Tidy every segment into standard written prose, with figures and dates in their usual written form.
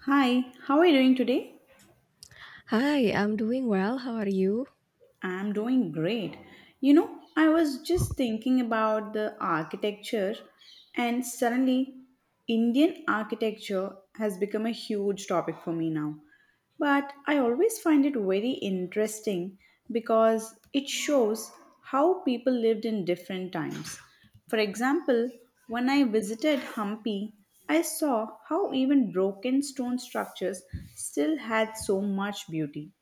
Hi, how are you doing today? Hi, I'm doing well. How are you? I'm doing great. You know, I was just thinking about the architecture, and suddenly, Indian architecture has become a huge topic for me now. But I always find it very interesting because it shows how people lived in different times. For example, when I visited Hampi, I saw how even broken stone structures still had so much beauty.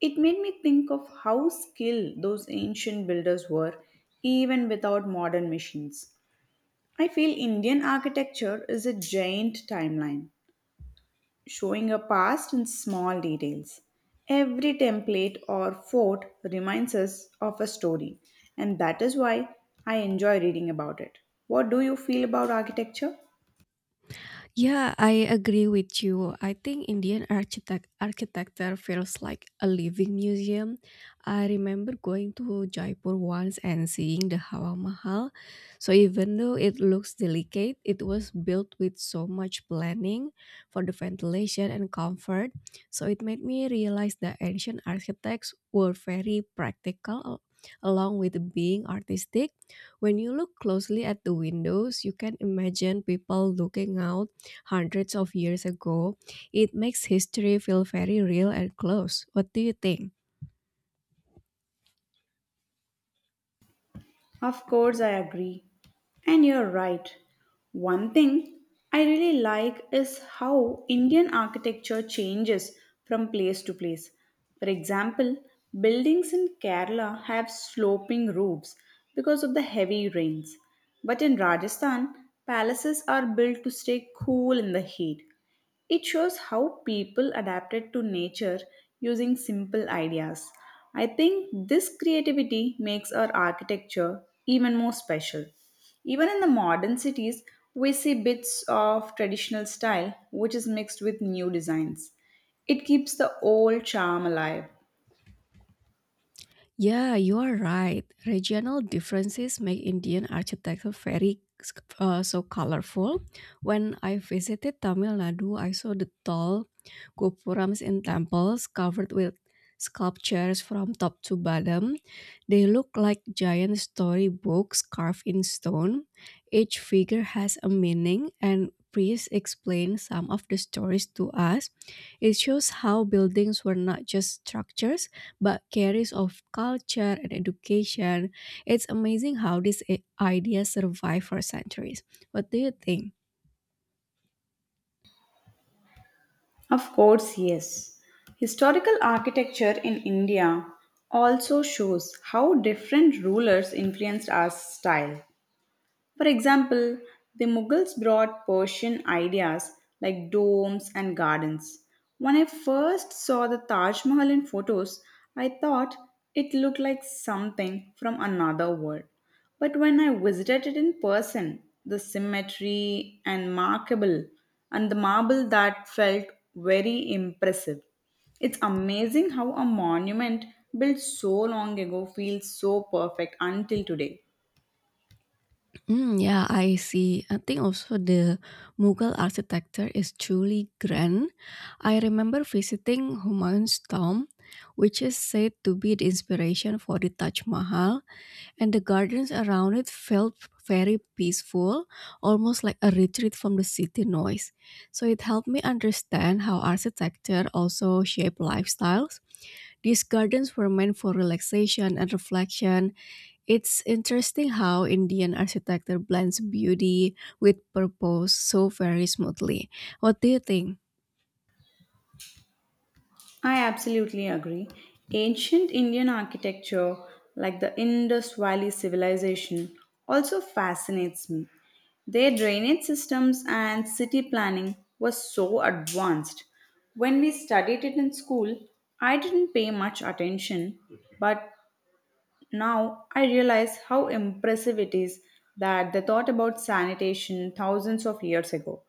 It made me think of how skilled those ancient builders were, even without modern machines. I feel Indian architecture is a giant timeline, showing a past in small details. Every template or fort reminds us of a story, and that is why I enjoy reading about it. What do you feel about architecture? Yeah, I agree with you. I think Indian architecture feels like a living museum. I remember going to Jaipur once and seeing the Hawa Mahal. So even though it looks delicate, it was built with so much planning for the ventilation and comfort. So it made me realize that ancient architects were very along with being artistic. When you look closely at the windows, you can imagine people looking out hundreds of years ago. It makes history feel very real and close. What do you think? Of course, I agree. And you're right. One thing I really like is how Indian architecture changes from place to place. For example, buildings in Kerala have sloping roofs because of the heavy rains. But in Rajasthan, palaces are built to stay cool in the heat. It shows how people adapted to nature using simple ideas. I think this creativity makes our architecture even more special. Even in the modern cities, we see bits of traditional style which is mixed with new designs. It keeps the old charm alive. Yeah, you are right. Regional differences make Indian architecture very so colorful. When I visited Tamil Nadu, I saw the tall gopurams in temples covered with sculptures from top to bottom. They look like giant storybooks carved in stone. Each figure has a meaning and priests explain some of the stories to us. It shows how buildings were not just structures but carries of culture and education. It's amazing how ideas survive for centuries. What do you think? Of course, yes. Historical architecture in India also shows how different rulers influenced our style. For example, the Mughals brought Persian ideas like domes and gardens. When I first saw the Taj Mahal in photos, I thought it looked like something from another world. But when I visited it in person, the symmetry and markable and the marble that felt very impressive. It's amazing how a monument built so long ago feels so perfect until today. Mm, yeah, I see. I think also the Mughal architecture is truly grand. I remember visiting Humayun's tomb, which is said to be the inspiration for the Taj Mahal, and the gardens around it felt very peaceful, almost like a retreat from the city noise. So it helped me understand how architecture also shape lifestyles. These gardens were meant for relaxation and reflection. It's interesting how Indian architecture blends beauty with purpose so very smoothly. What do you think? I absolutely agree. Ancient Indian architecture, like the Indus Valley civilization, also fascinates me. Their drainage systems and city planning were so advanced. When we studied it in school, I didn't pay much attention, but now I realize how impressive it is that they thought about sanitation thousands of years ago.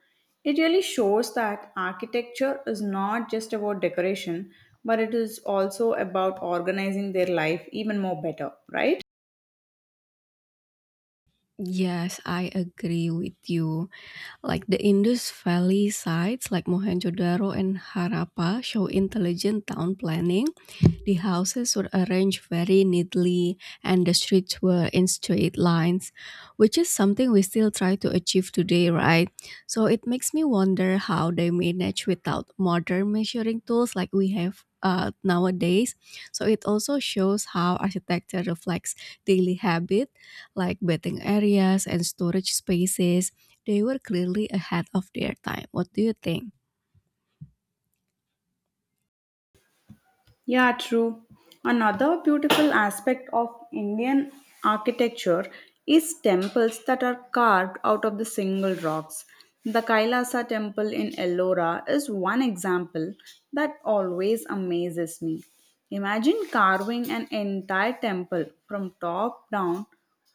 It really shows that architecture is not just about decoration, but it is also about organizing their life even more better, right? Yes, I agree with you. Like the Indus Valley sites like Mohenjo-daro and Harappa show intelligent town planning, the houses were arranged very neatly, and the streets were in straight lines, which is something we still try to achieve today, right? So it makes me wonder how they manage without modern measuring tools like we have nowadays. So it also shows how architecture reflects daily habit, like bathing areas and storage spaces. They were clearly ahead of their time. What do you think? Yeah, true. Another beautiful aspect of Indian architecture is temples that are carved out of the single rocks. The Kailasa temple in Ellora is one example that always amazes me. Imagine carving an entire temple from top down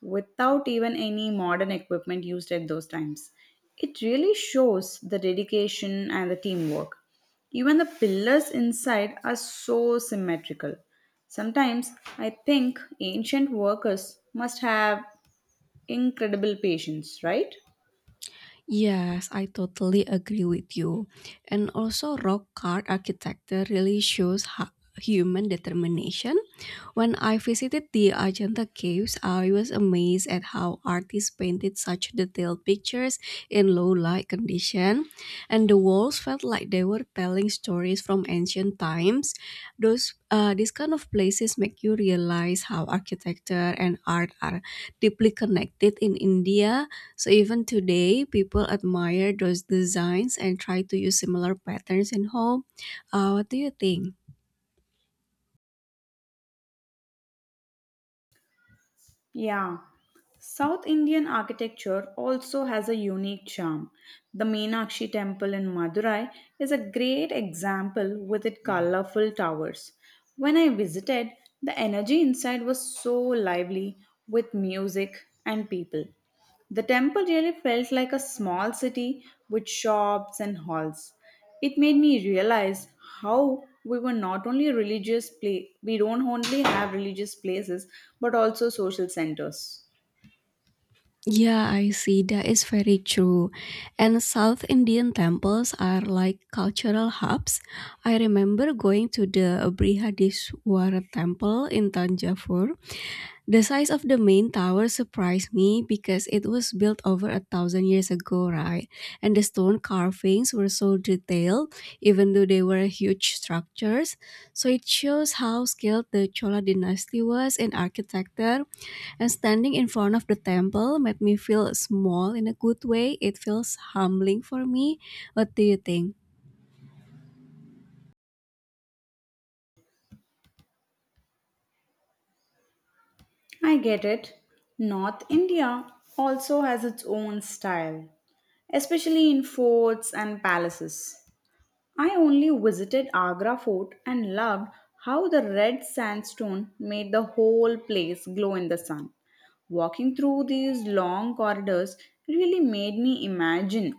without even any modern equipment used at those times. It really shows the dedication and the teamwork. Even the pillars inside are so symmetrical. Sometimes I think ancient workers must have incredible patience, right? Yes, I totally agree with you. And also, rock art architecture really shows human determination. When I visited the Ajanta caves, I was amazed at how artists painted such detailed pictures in low light condition, and the walls felt like they were telling stories from ancient times. Those these kind of places make you realize how architecture and art are deeply connected in India. So even today, people admire those designs and try to use similar patterns in home. What do you think? Yeah. South Indian architecture also has a unique charm. The Meenakshi Temple in Madurai is a great example with its colorful towers. When I visited, the energy inside was so lively with music and people. The temple really felt like a small city with shops and halls. It made me realize how we were not only religious place we don't only have religious places but also social centers. Yeah, I see. That is very true. And South Indian temples are like cultural hubs. I remember going to the Brihadiswara temple in Tanjavur. The size of the main tower surprised me because it was built over a thousand years ago, right? And the stone carvings were so detailed, even though they were huge structures. So it shows how skilled the Chola dynasty was in architecture, and standing in front of the temple made me feel small in a good way. It feels humbling for me. What do you think? I get it. North India also has its own style, especially in forts and palaces. I only visited Agra Fort and loved how the red sandstone made the whole place glow in the sun. Walking through these long corridors really made me imagine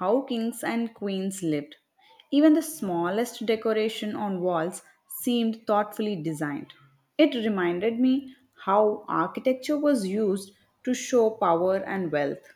how kings and queens lived. Even the smallest decoration on walls seemed thoughtfully designed. It reminded me how architecture was used to show power and wealth.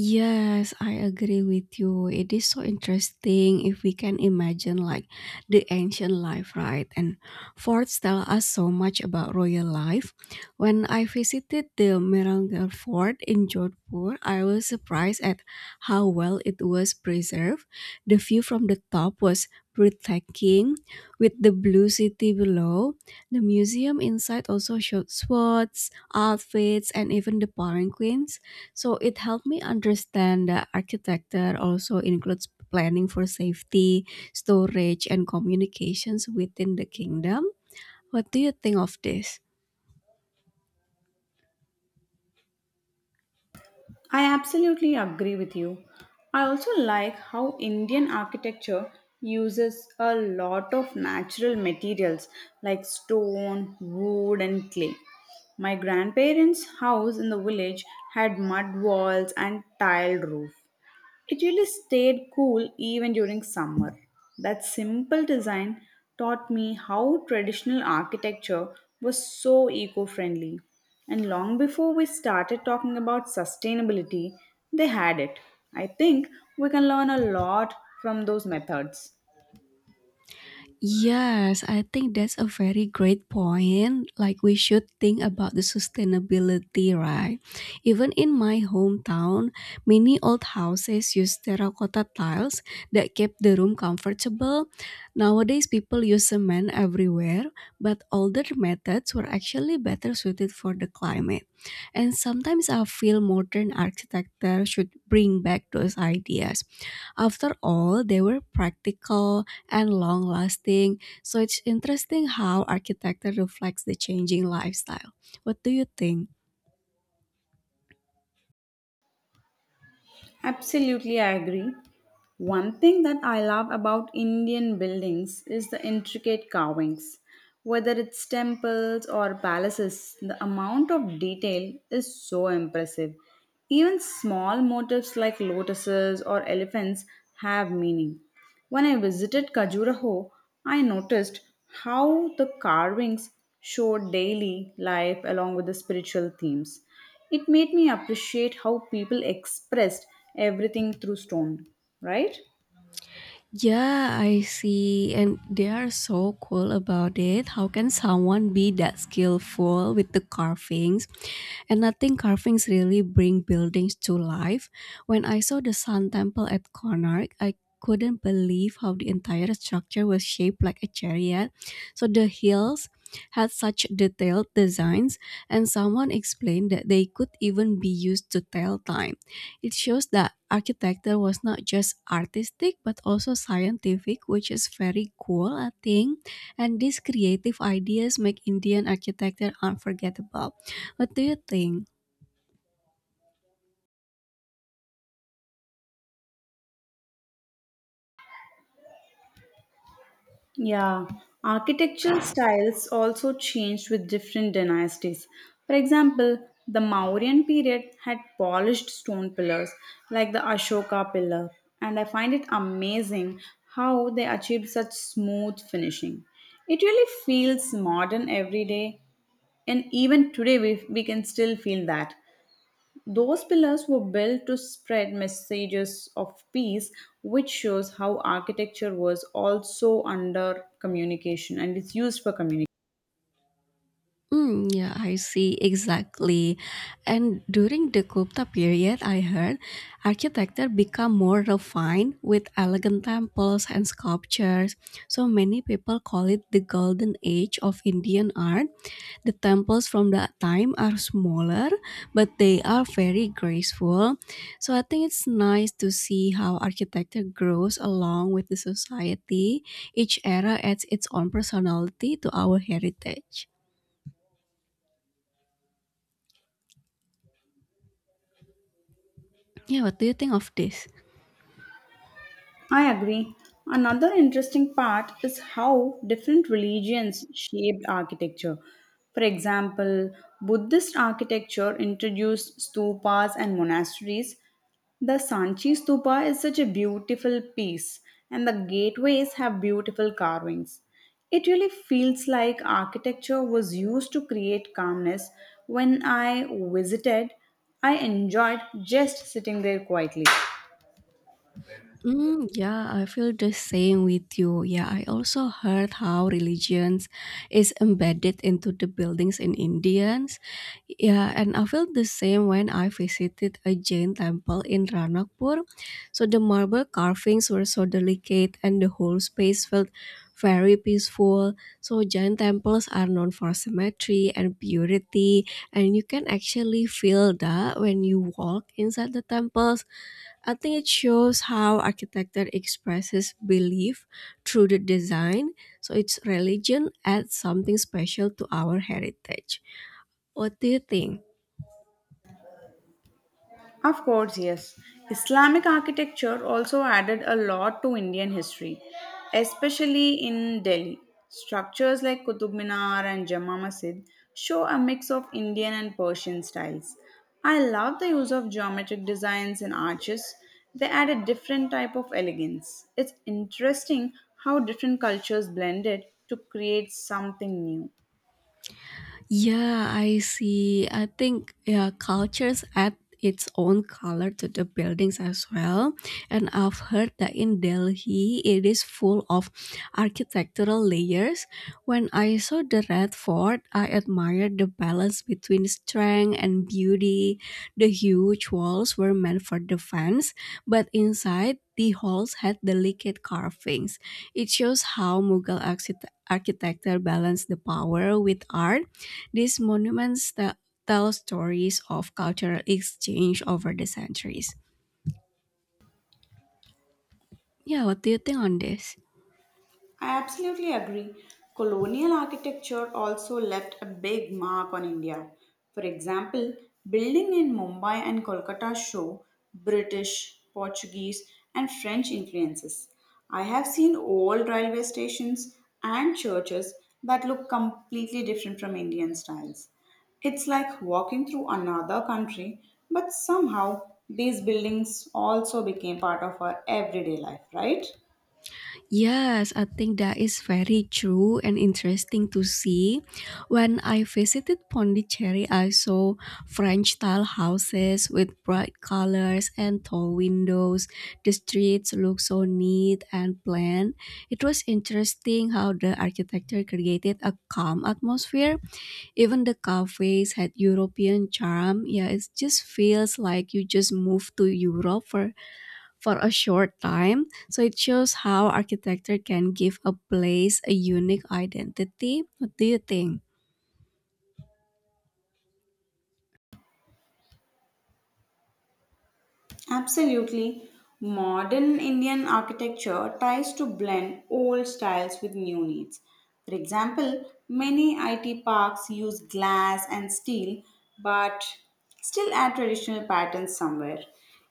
Yes, I agree with you. It is so interesting if we can imagine like the ancient life, right? And forts tell us so much about royal life. When I visited the Merangal Fort in Jodhpur, I was surprised at how well it was preserved. The view from the top was breathtaking with the blue city below. The museum inside also showed swords, outfits, and even the palanquins, so it helped me understand that architecture also includes planning for safety, storage, and communications within the kingdom. What do you think of this? I absolutely agree with you. I also like how Indian architecture uses a lot of natural materials like stone, wood, and clay. My grandparents' house in the village had mud walls and tiled roof. It really stayed cool even during summer. That simple design taught me how traditional architecture was so eco friendly. And long before we started talking about sustainability, they had it. I think we can learn a lot from those methods. Yes, I think that's a very great point. Like, we should think about the sustainability, right? Even in my hometown, many old houses use terracotta tiles that keep the room comfortable. Nowadays, people use cement everywhere, but older methods were actually better suited for the climate. And sometimes I feel modern architecture should bring back those ideas. After all, they were practical and long lasting. So it's interesting how architecture reflects the changing lifestyle. What do you think? Absolutely, I agree. One thing that I love about Indian buildings is the intricate carvings. Whether it's temples or palaces, the amount of detail is so impressive. Even small motifs like lotuses or elephants have meaning. When I visited Khajuraho, I noticed how the carvings showed daily life along with the spiritual themes. It made me appreciate how people expressed everything through stone, right? Yeah, I see. And they are so cool about it. How can someone be that skillful with the carvings, and nothing carvings really bring buildings to life. When I saw the Sun Temple at Konark, I couldn't believe how the entire structure was shaped like a chariot. So the hills had such detailed designs, and someone explained that they could even be used to tell time. It shows that architecture was not just artistic but also scientific, which is very cool, I think. And these creative ideas make Indian architecture unforgettable. What do you think? Yeah, architectural styles also changed with different dynasties. For example, the Mauryan period had polished stone pillars like the Ashoka pillar, and I find it amazing how they achieved such smooth finishing. It really feels modern every day, and even today we can still feel that. Those pillars were built to spread messages of peace, which shows how architecture was also under communication and it's used for communication. Mm, yeah, I see exactly. And during the Gupta period, I heard architecture become more refined with elegant temples and sculptures. So many people call it the golden age of Indian art. The temples from that time are smaller, but they are very graceful. So I think it's nice to see how architecture grows along with the society. Each era adds its own personality to our heritage. Yeah, what do you think of this? I agree. Another interesting part is how different religions shaped architecture. For example, Buddhist architecture introduced stupas and monasteries. The Sanchi stupa is such a beautiful piece, and the gateways have beautiful carvings. It really feels like architecture was used to create calmness. When I visited, I enjoyed just sitting there quietly. Mm, yeah, I feel the same with you. Yeah, I also heard how religions is embedded into the buildings in Indians. Yeah, and I felt the same when I visited a Jain temple in Ranakpur. So the marble carvings were so delicate and the whole space felt very peaceful. So Jain temples are known for symmetry and purity, and you can actually feel that when you walk inside the temples. I think it shows how architecture expresses belief through the design, so its religion adds something special to our heritage. What do you think? Of course, yes. Islamic architecture also added a lot to Indian history, especially in Delhi. Structures like Qutub Minar and Jama Masjid show a mix of Indian and Persian styles. I love the use of geometric designs and arches. They add a different type of elegance. It's interesting how different cultures blended to create something new. Yeah, I see. I think yeah, cultures add its own color to the buildings as well. And I've heard that in Delhi, it is full of architectural layers. When I saw the Red Fort, I admired the balance between strength and beauty. The huge walls were meant for defense, but inside, the halls had delicate carvings. It shows how Mughal architecture balanced the power with art, these monuments that tell stories of cultural exchange over the centuries. Yeah, what do you think on this? I absolutely agree. Colonial architecture also left a big mark on India. For example, building in Mumbai and Kolkata show British, Portuguese, and French influences. I have seen old railway stations and churches that look completely different from Indian styles. It's like walking through another country, but somehow these buildings also became part of our everyday life, right? Yes, I think that is very true and interesting to see. When I visited Pondicherry, I saw French style houses with bright colors and tall windows. The streets looked so neat and planned. It was interesting how the architecture created a calm atmosphere. Even the cafes had European charm. Yeah, it just feels like you just moved to Europe for a short time. So it shows how architecture can give a place a unique identity. What do you think? Absolutely. Modern Indian architecture tries to blend old styles with new needs. For example, many IT parks use glass and steel but still add traditional patterns somewhere.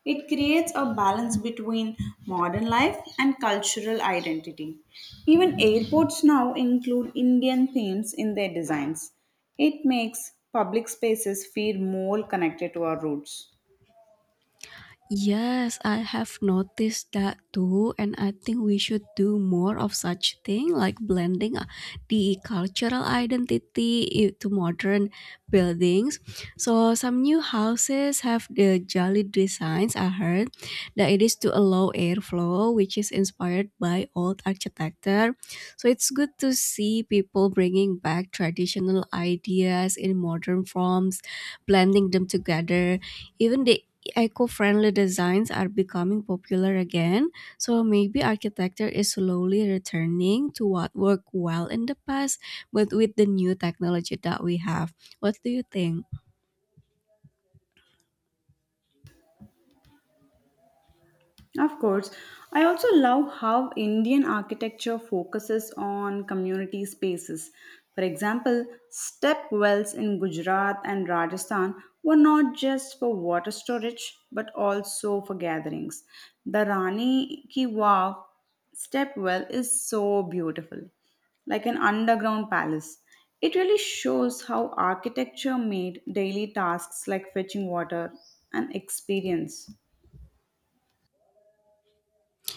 It creates a balance between modern life and cultural identity. Even airports now include Indian themes in their designs. It makes public spaces feel more connected to our roots. Yes, I have noticed that too, and I think we should do more of such thing like blending the cultural to modern buildings. So some new houses have the jolly designs. I heard that it is to allow airflow, which is inspired by old architecture. So it's good to see people bringing back traditional ideas in modern forms, blending them together. Even the eco-friendly designs are becoming popular again, so maybe architecture is slowly returning to what worked well in the past, but with the new technology that we have. What do you think? Of course, I also love how Indian architecture focuses on community spaces. For example, step wells in Gujarat and Rajasthan were not just for water storage but also for gatherings. The Rani Ki Vav step well is so beautiful, like an underground palace. It really shows how architecture made daily tasks like fetching water an experience.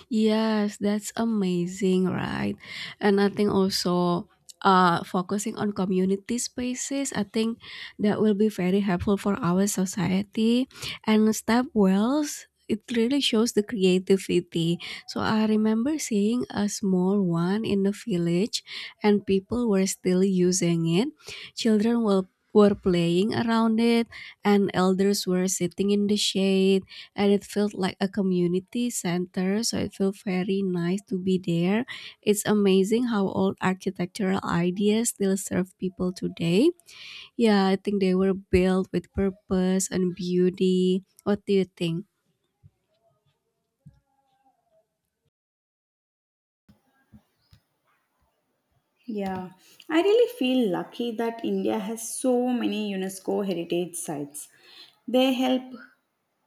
Yes, that's amazing, right? And I think also, focusing on community spaces, I think that will be very helpful for our society. And step wells, it really shows the creativity. So I remember seeing a small one in the village, and people were still using it. Children were playing around it, and elders were sitting in the shade, and it felt like a community center, so it felt very nice to be there. It's amazing how old architectural ideas still serve people today. Yeah, I think they were built with purpose and beauty. What do you think? Yeah, I really feel lucky that India has so many UNESCO heritage sites. They help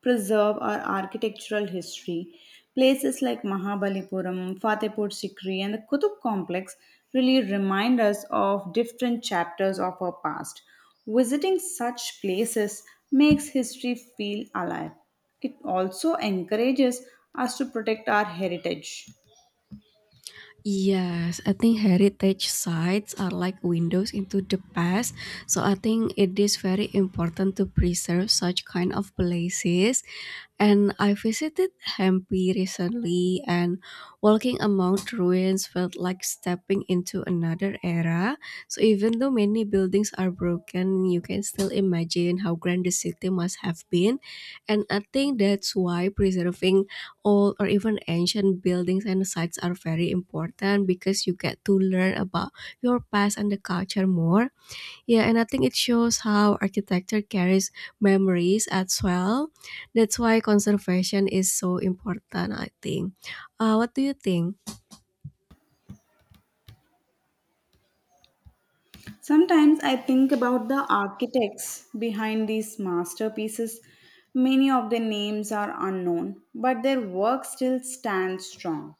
preserve our architectural history. Places like Mahabalipuram, Fatehpur Sikri, and the Qutub complex really remind us of different chapters of our past. Visiting such places makes history feel alive. It also encourages us to protect our heritage. Yes, I think heritage sites are like windows into the past. So I think it is very important to preserve such kind of places. And I visited Hampi recently, and walking among the ruins felt like stepping into another era. So, even though many buildings are broken, you can still imagine how grand the city must have been. And I think that's why preserving old or even ancient buildings and sites are very important, because you get to learn about your past and the culture more. Yeah, and I think it shows how architecture carries memories as well. That's why conservation is so important, I think. What do you think? Sometimes I think about the architects behind these masterpieces. Many of their names are unknown, but their work still stands strong.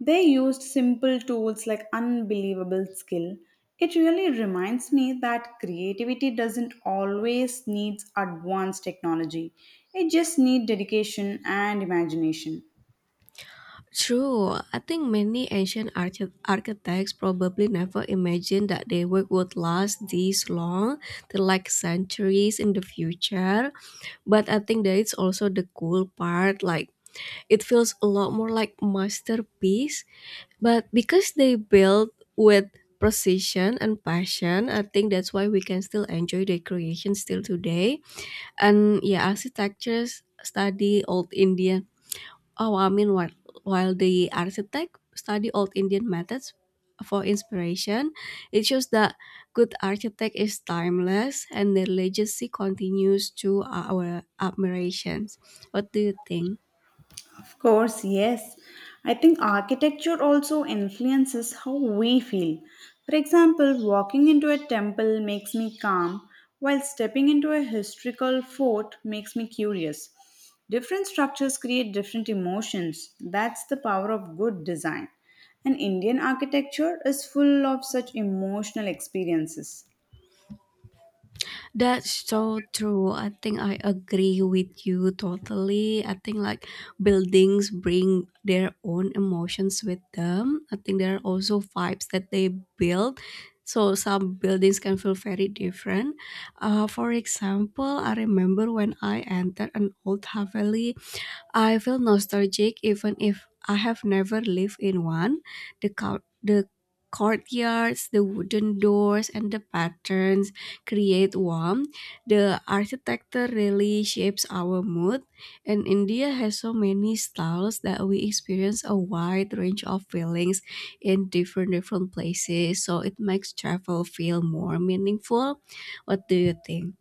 They used simple tools like unbelievable skill. It really reminds me that creativity doesn't always need advanced technology. It just needs dedication and imagination. True, I think many ancient architects probably never imagined that their work would last this long, till like centuries in the future. But I think that it's also the cool part. Like, it feels a lot more like masterpiece. But because they build with precision and passion, I think that's why we can still enjoy their creation still today. And yeah, architectures study old Indian. Oh, I mean, while, while the architect study old Indian methods for inspiration, it shows that good architect is timeless and their legacy continues to our admirations. What do you think? Of course, yes. I think architecture also influences how we feel. For example, walking into a temple makes me calm, while stepping into a historical fort makes me curious. Different structures create different emotions. That's the power of good design. And Indian architecture is full of such emotional experiences. That's so true. I think I agree with you totally. I think like buildings bring their own emotions with them. I think there are also vibes that they build. So some buildings can feel very different. For example, I remember when I entered an old Haveli, I feel nostalgic even if I have never lived in one. The courtyards, the wooden doors, and the patterns create warmth. The architecture really shapes our mood, and India has so many styles that we experience a wide range of feelings in different places. So it makes travel feel more meaningful. What do you think?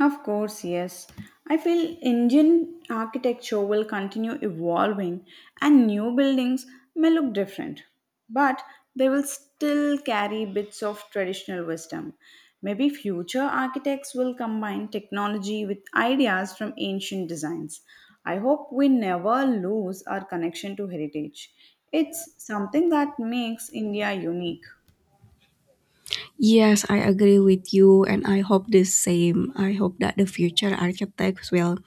Of course, yes. I feel Indian architecture will continue evolving and new buildings may look different, but they will still carry bits of traditional wisdom. Maybe future architects will combine technology with ideas from ancient designs. I hope we never lose our connection to heritage. It's something that makes India unique. Yes, I agree with you, and I hope the same. I hope that the future architects will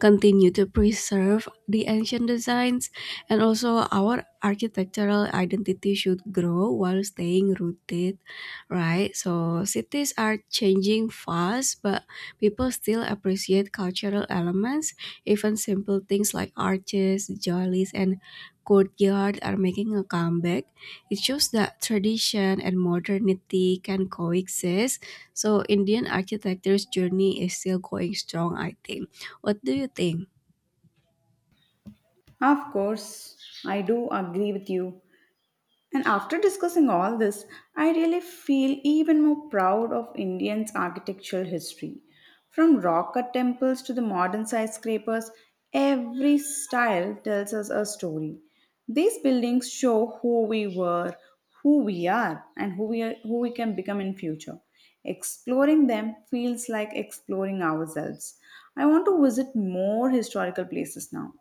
continue to preserve the ancient designs, and also our architectural identity should grow while staying rooted, right? So cities are changing fast, but people still appreciate cultural elements. Even simple things like arches, jollies, and courtyard are making a comeback. It shows that tradition and modernity can coexist, so indian architecture's journey is still going strong, I think. What do you think? Of course, I do agree with you. And after discussing all this, I really feel even more proud of Indians' architectural history. From rock cut temples to the modern skyscrapers, every style tells us a story. These buildings show who we were, who we are, and who we can become in future. Exploring them feels like exploring ourselves. I want to visit more historical places now.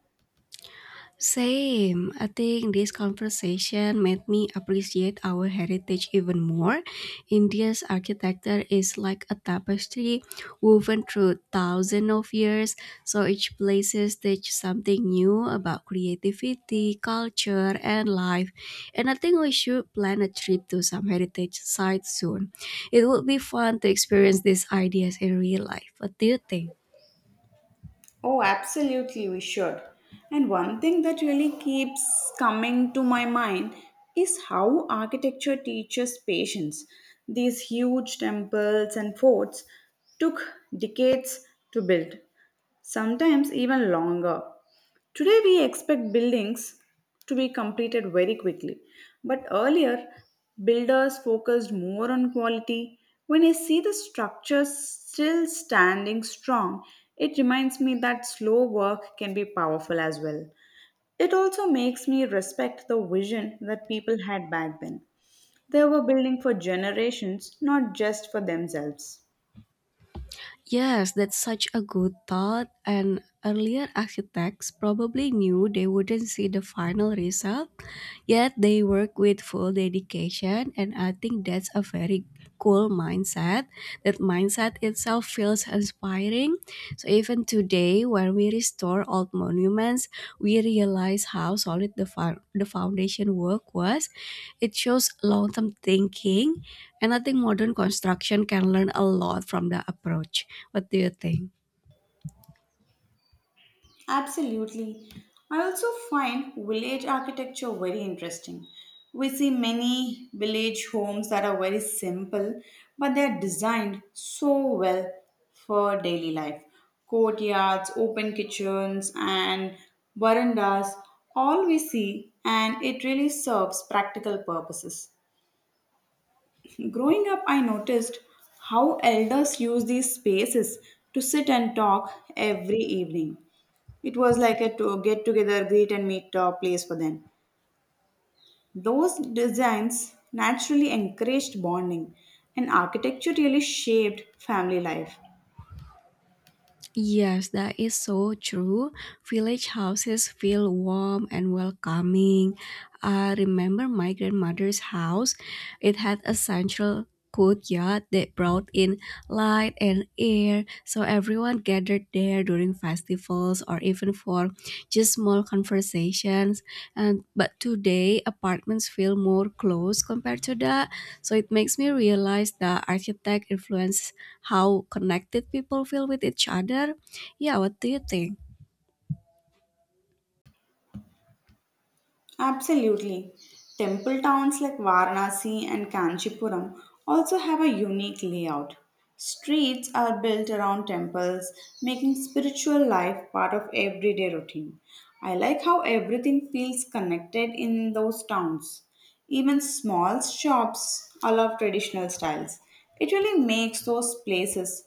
Same. I think this conversation made me appreciate our heritage even more. India's architecture is like a tapestry woven through thousands of years, so each place teach something new about creativity, culture, and life. And I think we should plan a trip to some heritage sites soon. It would be fun to experience these ideas in real life. What do you think? Oh, absolutely, we should. And one thing that really keeps coming to my mind is how architecture teaches patience. These huge temples and forts took decades to build, sometimes even longer. Today, we expect buildings to be completed very quickly, but earlier, builders focused more on quality. When I see the structure still standing strong, it reminds me that slow work can be powerful as well. It also makes me respect the vision that people had back then. They were building for generations, not just for themselves. Yes, that's such a good thought. And earlier architects probably knew they wouldn't see the final result, yet they work with full dedication, and I think that's a very cool mindset. That mindset itself feels inspiring. So even today, when we restore old monuments, we realize how solid the foundation work was. It shows long term thinking, and I think modern construction can learn a lot from the approach. What do you think? Absolutely. I also find village architecture very interesting. We see many village homes that are very simple, but they're designed so well for daily life. Courtyards, open kitchens, and verandas, all we see, and it really serves practical purposes. Growing up, I noticed how elders use these spaces to sit and talk every evening. It was like a to get together, greet and meet place for them. Those designs naturally encouraged bonding, and architecture really shaped family life. Yes, that is so true. Village houses feel warm and welcoming. I remember my grandmother's house. It had a central courtyard that brought in light and air, so everyone gathered there during festivals or even for just small conversations. And but today apartments feel more closed compared to that, so it makes me realize that architect influence how connected people feel with each other. Yeah, what do you think? Absolutely. Temple towns like Varanasi and Kanchipuram also have a unique layout. Streets are built around temples, making spiritual life part of everyday routine. I like how everything feels connected in those towns. Even small shops allow traditional styles. It really makes those places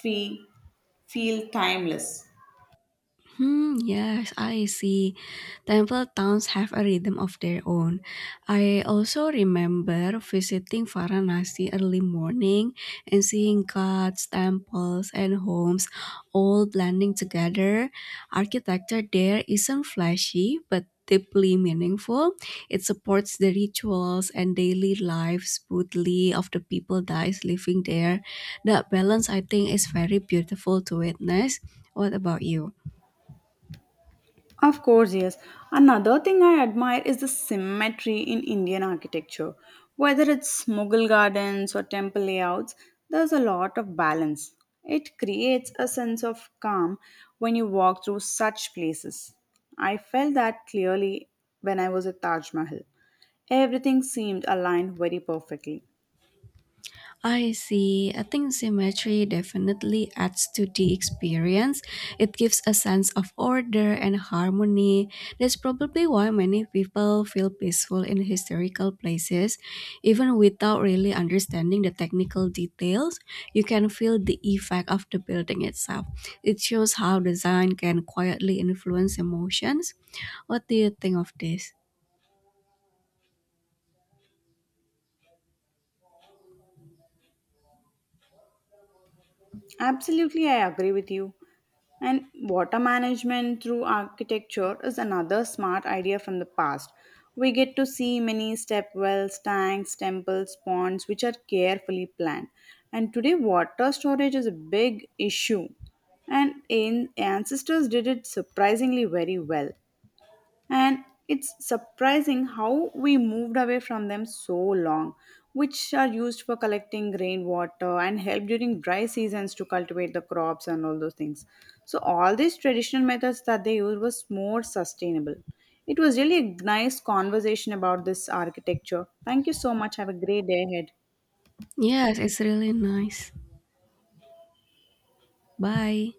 feel, feel timeless. Hmm, yes, I see. Temple towns have a rhythm of their own. I also remember visiting Varanasi early morning and seeing gods, temples, and homes all blending together. Architecture there isn't flashy, but deeply meaningful. It supports the rituals and daily life smoothly of the people that is living there. That balance, I think, is very beautiful to witness. What about you? Of course, yes. Another thing I admire is the symmetry in Indian architecture. Whether it's Mughal gardens or temple layouts, there's a lot of balance. It creates a sense of calm when you walk through such places. I felt that clearly when I was at Taj Mahal. Everything seemed aligned very perfectly. I see. I think symmetry definitely adds to the experience. It gives a sense of order and harmony. That's probably why many people feel peaceful in historical places. Even without really understanding the technical details, you can feel the effect of the building itself. It shows how design can quietly influence emotions. What do you think of this? Absolutely, I agree with you. And water management through architecture is another smart idea from the past. We get to see many step wells, tanks, temples, ponds, which are carefully planned. And today, water storage is a big issue. And ancestors did it surprisingly very well, and it's surprising how we moved away from them so long, which are used for collecting rainwater and help during dry seasons to cultivate the crops and all those things. So all these traditional methods that they used was more sustainable. It was really a nice conversation about this architecture. Thank you so much. Have a great day ahead. Yes, it's really nice. Bye.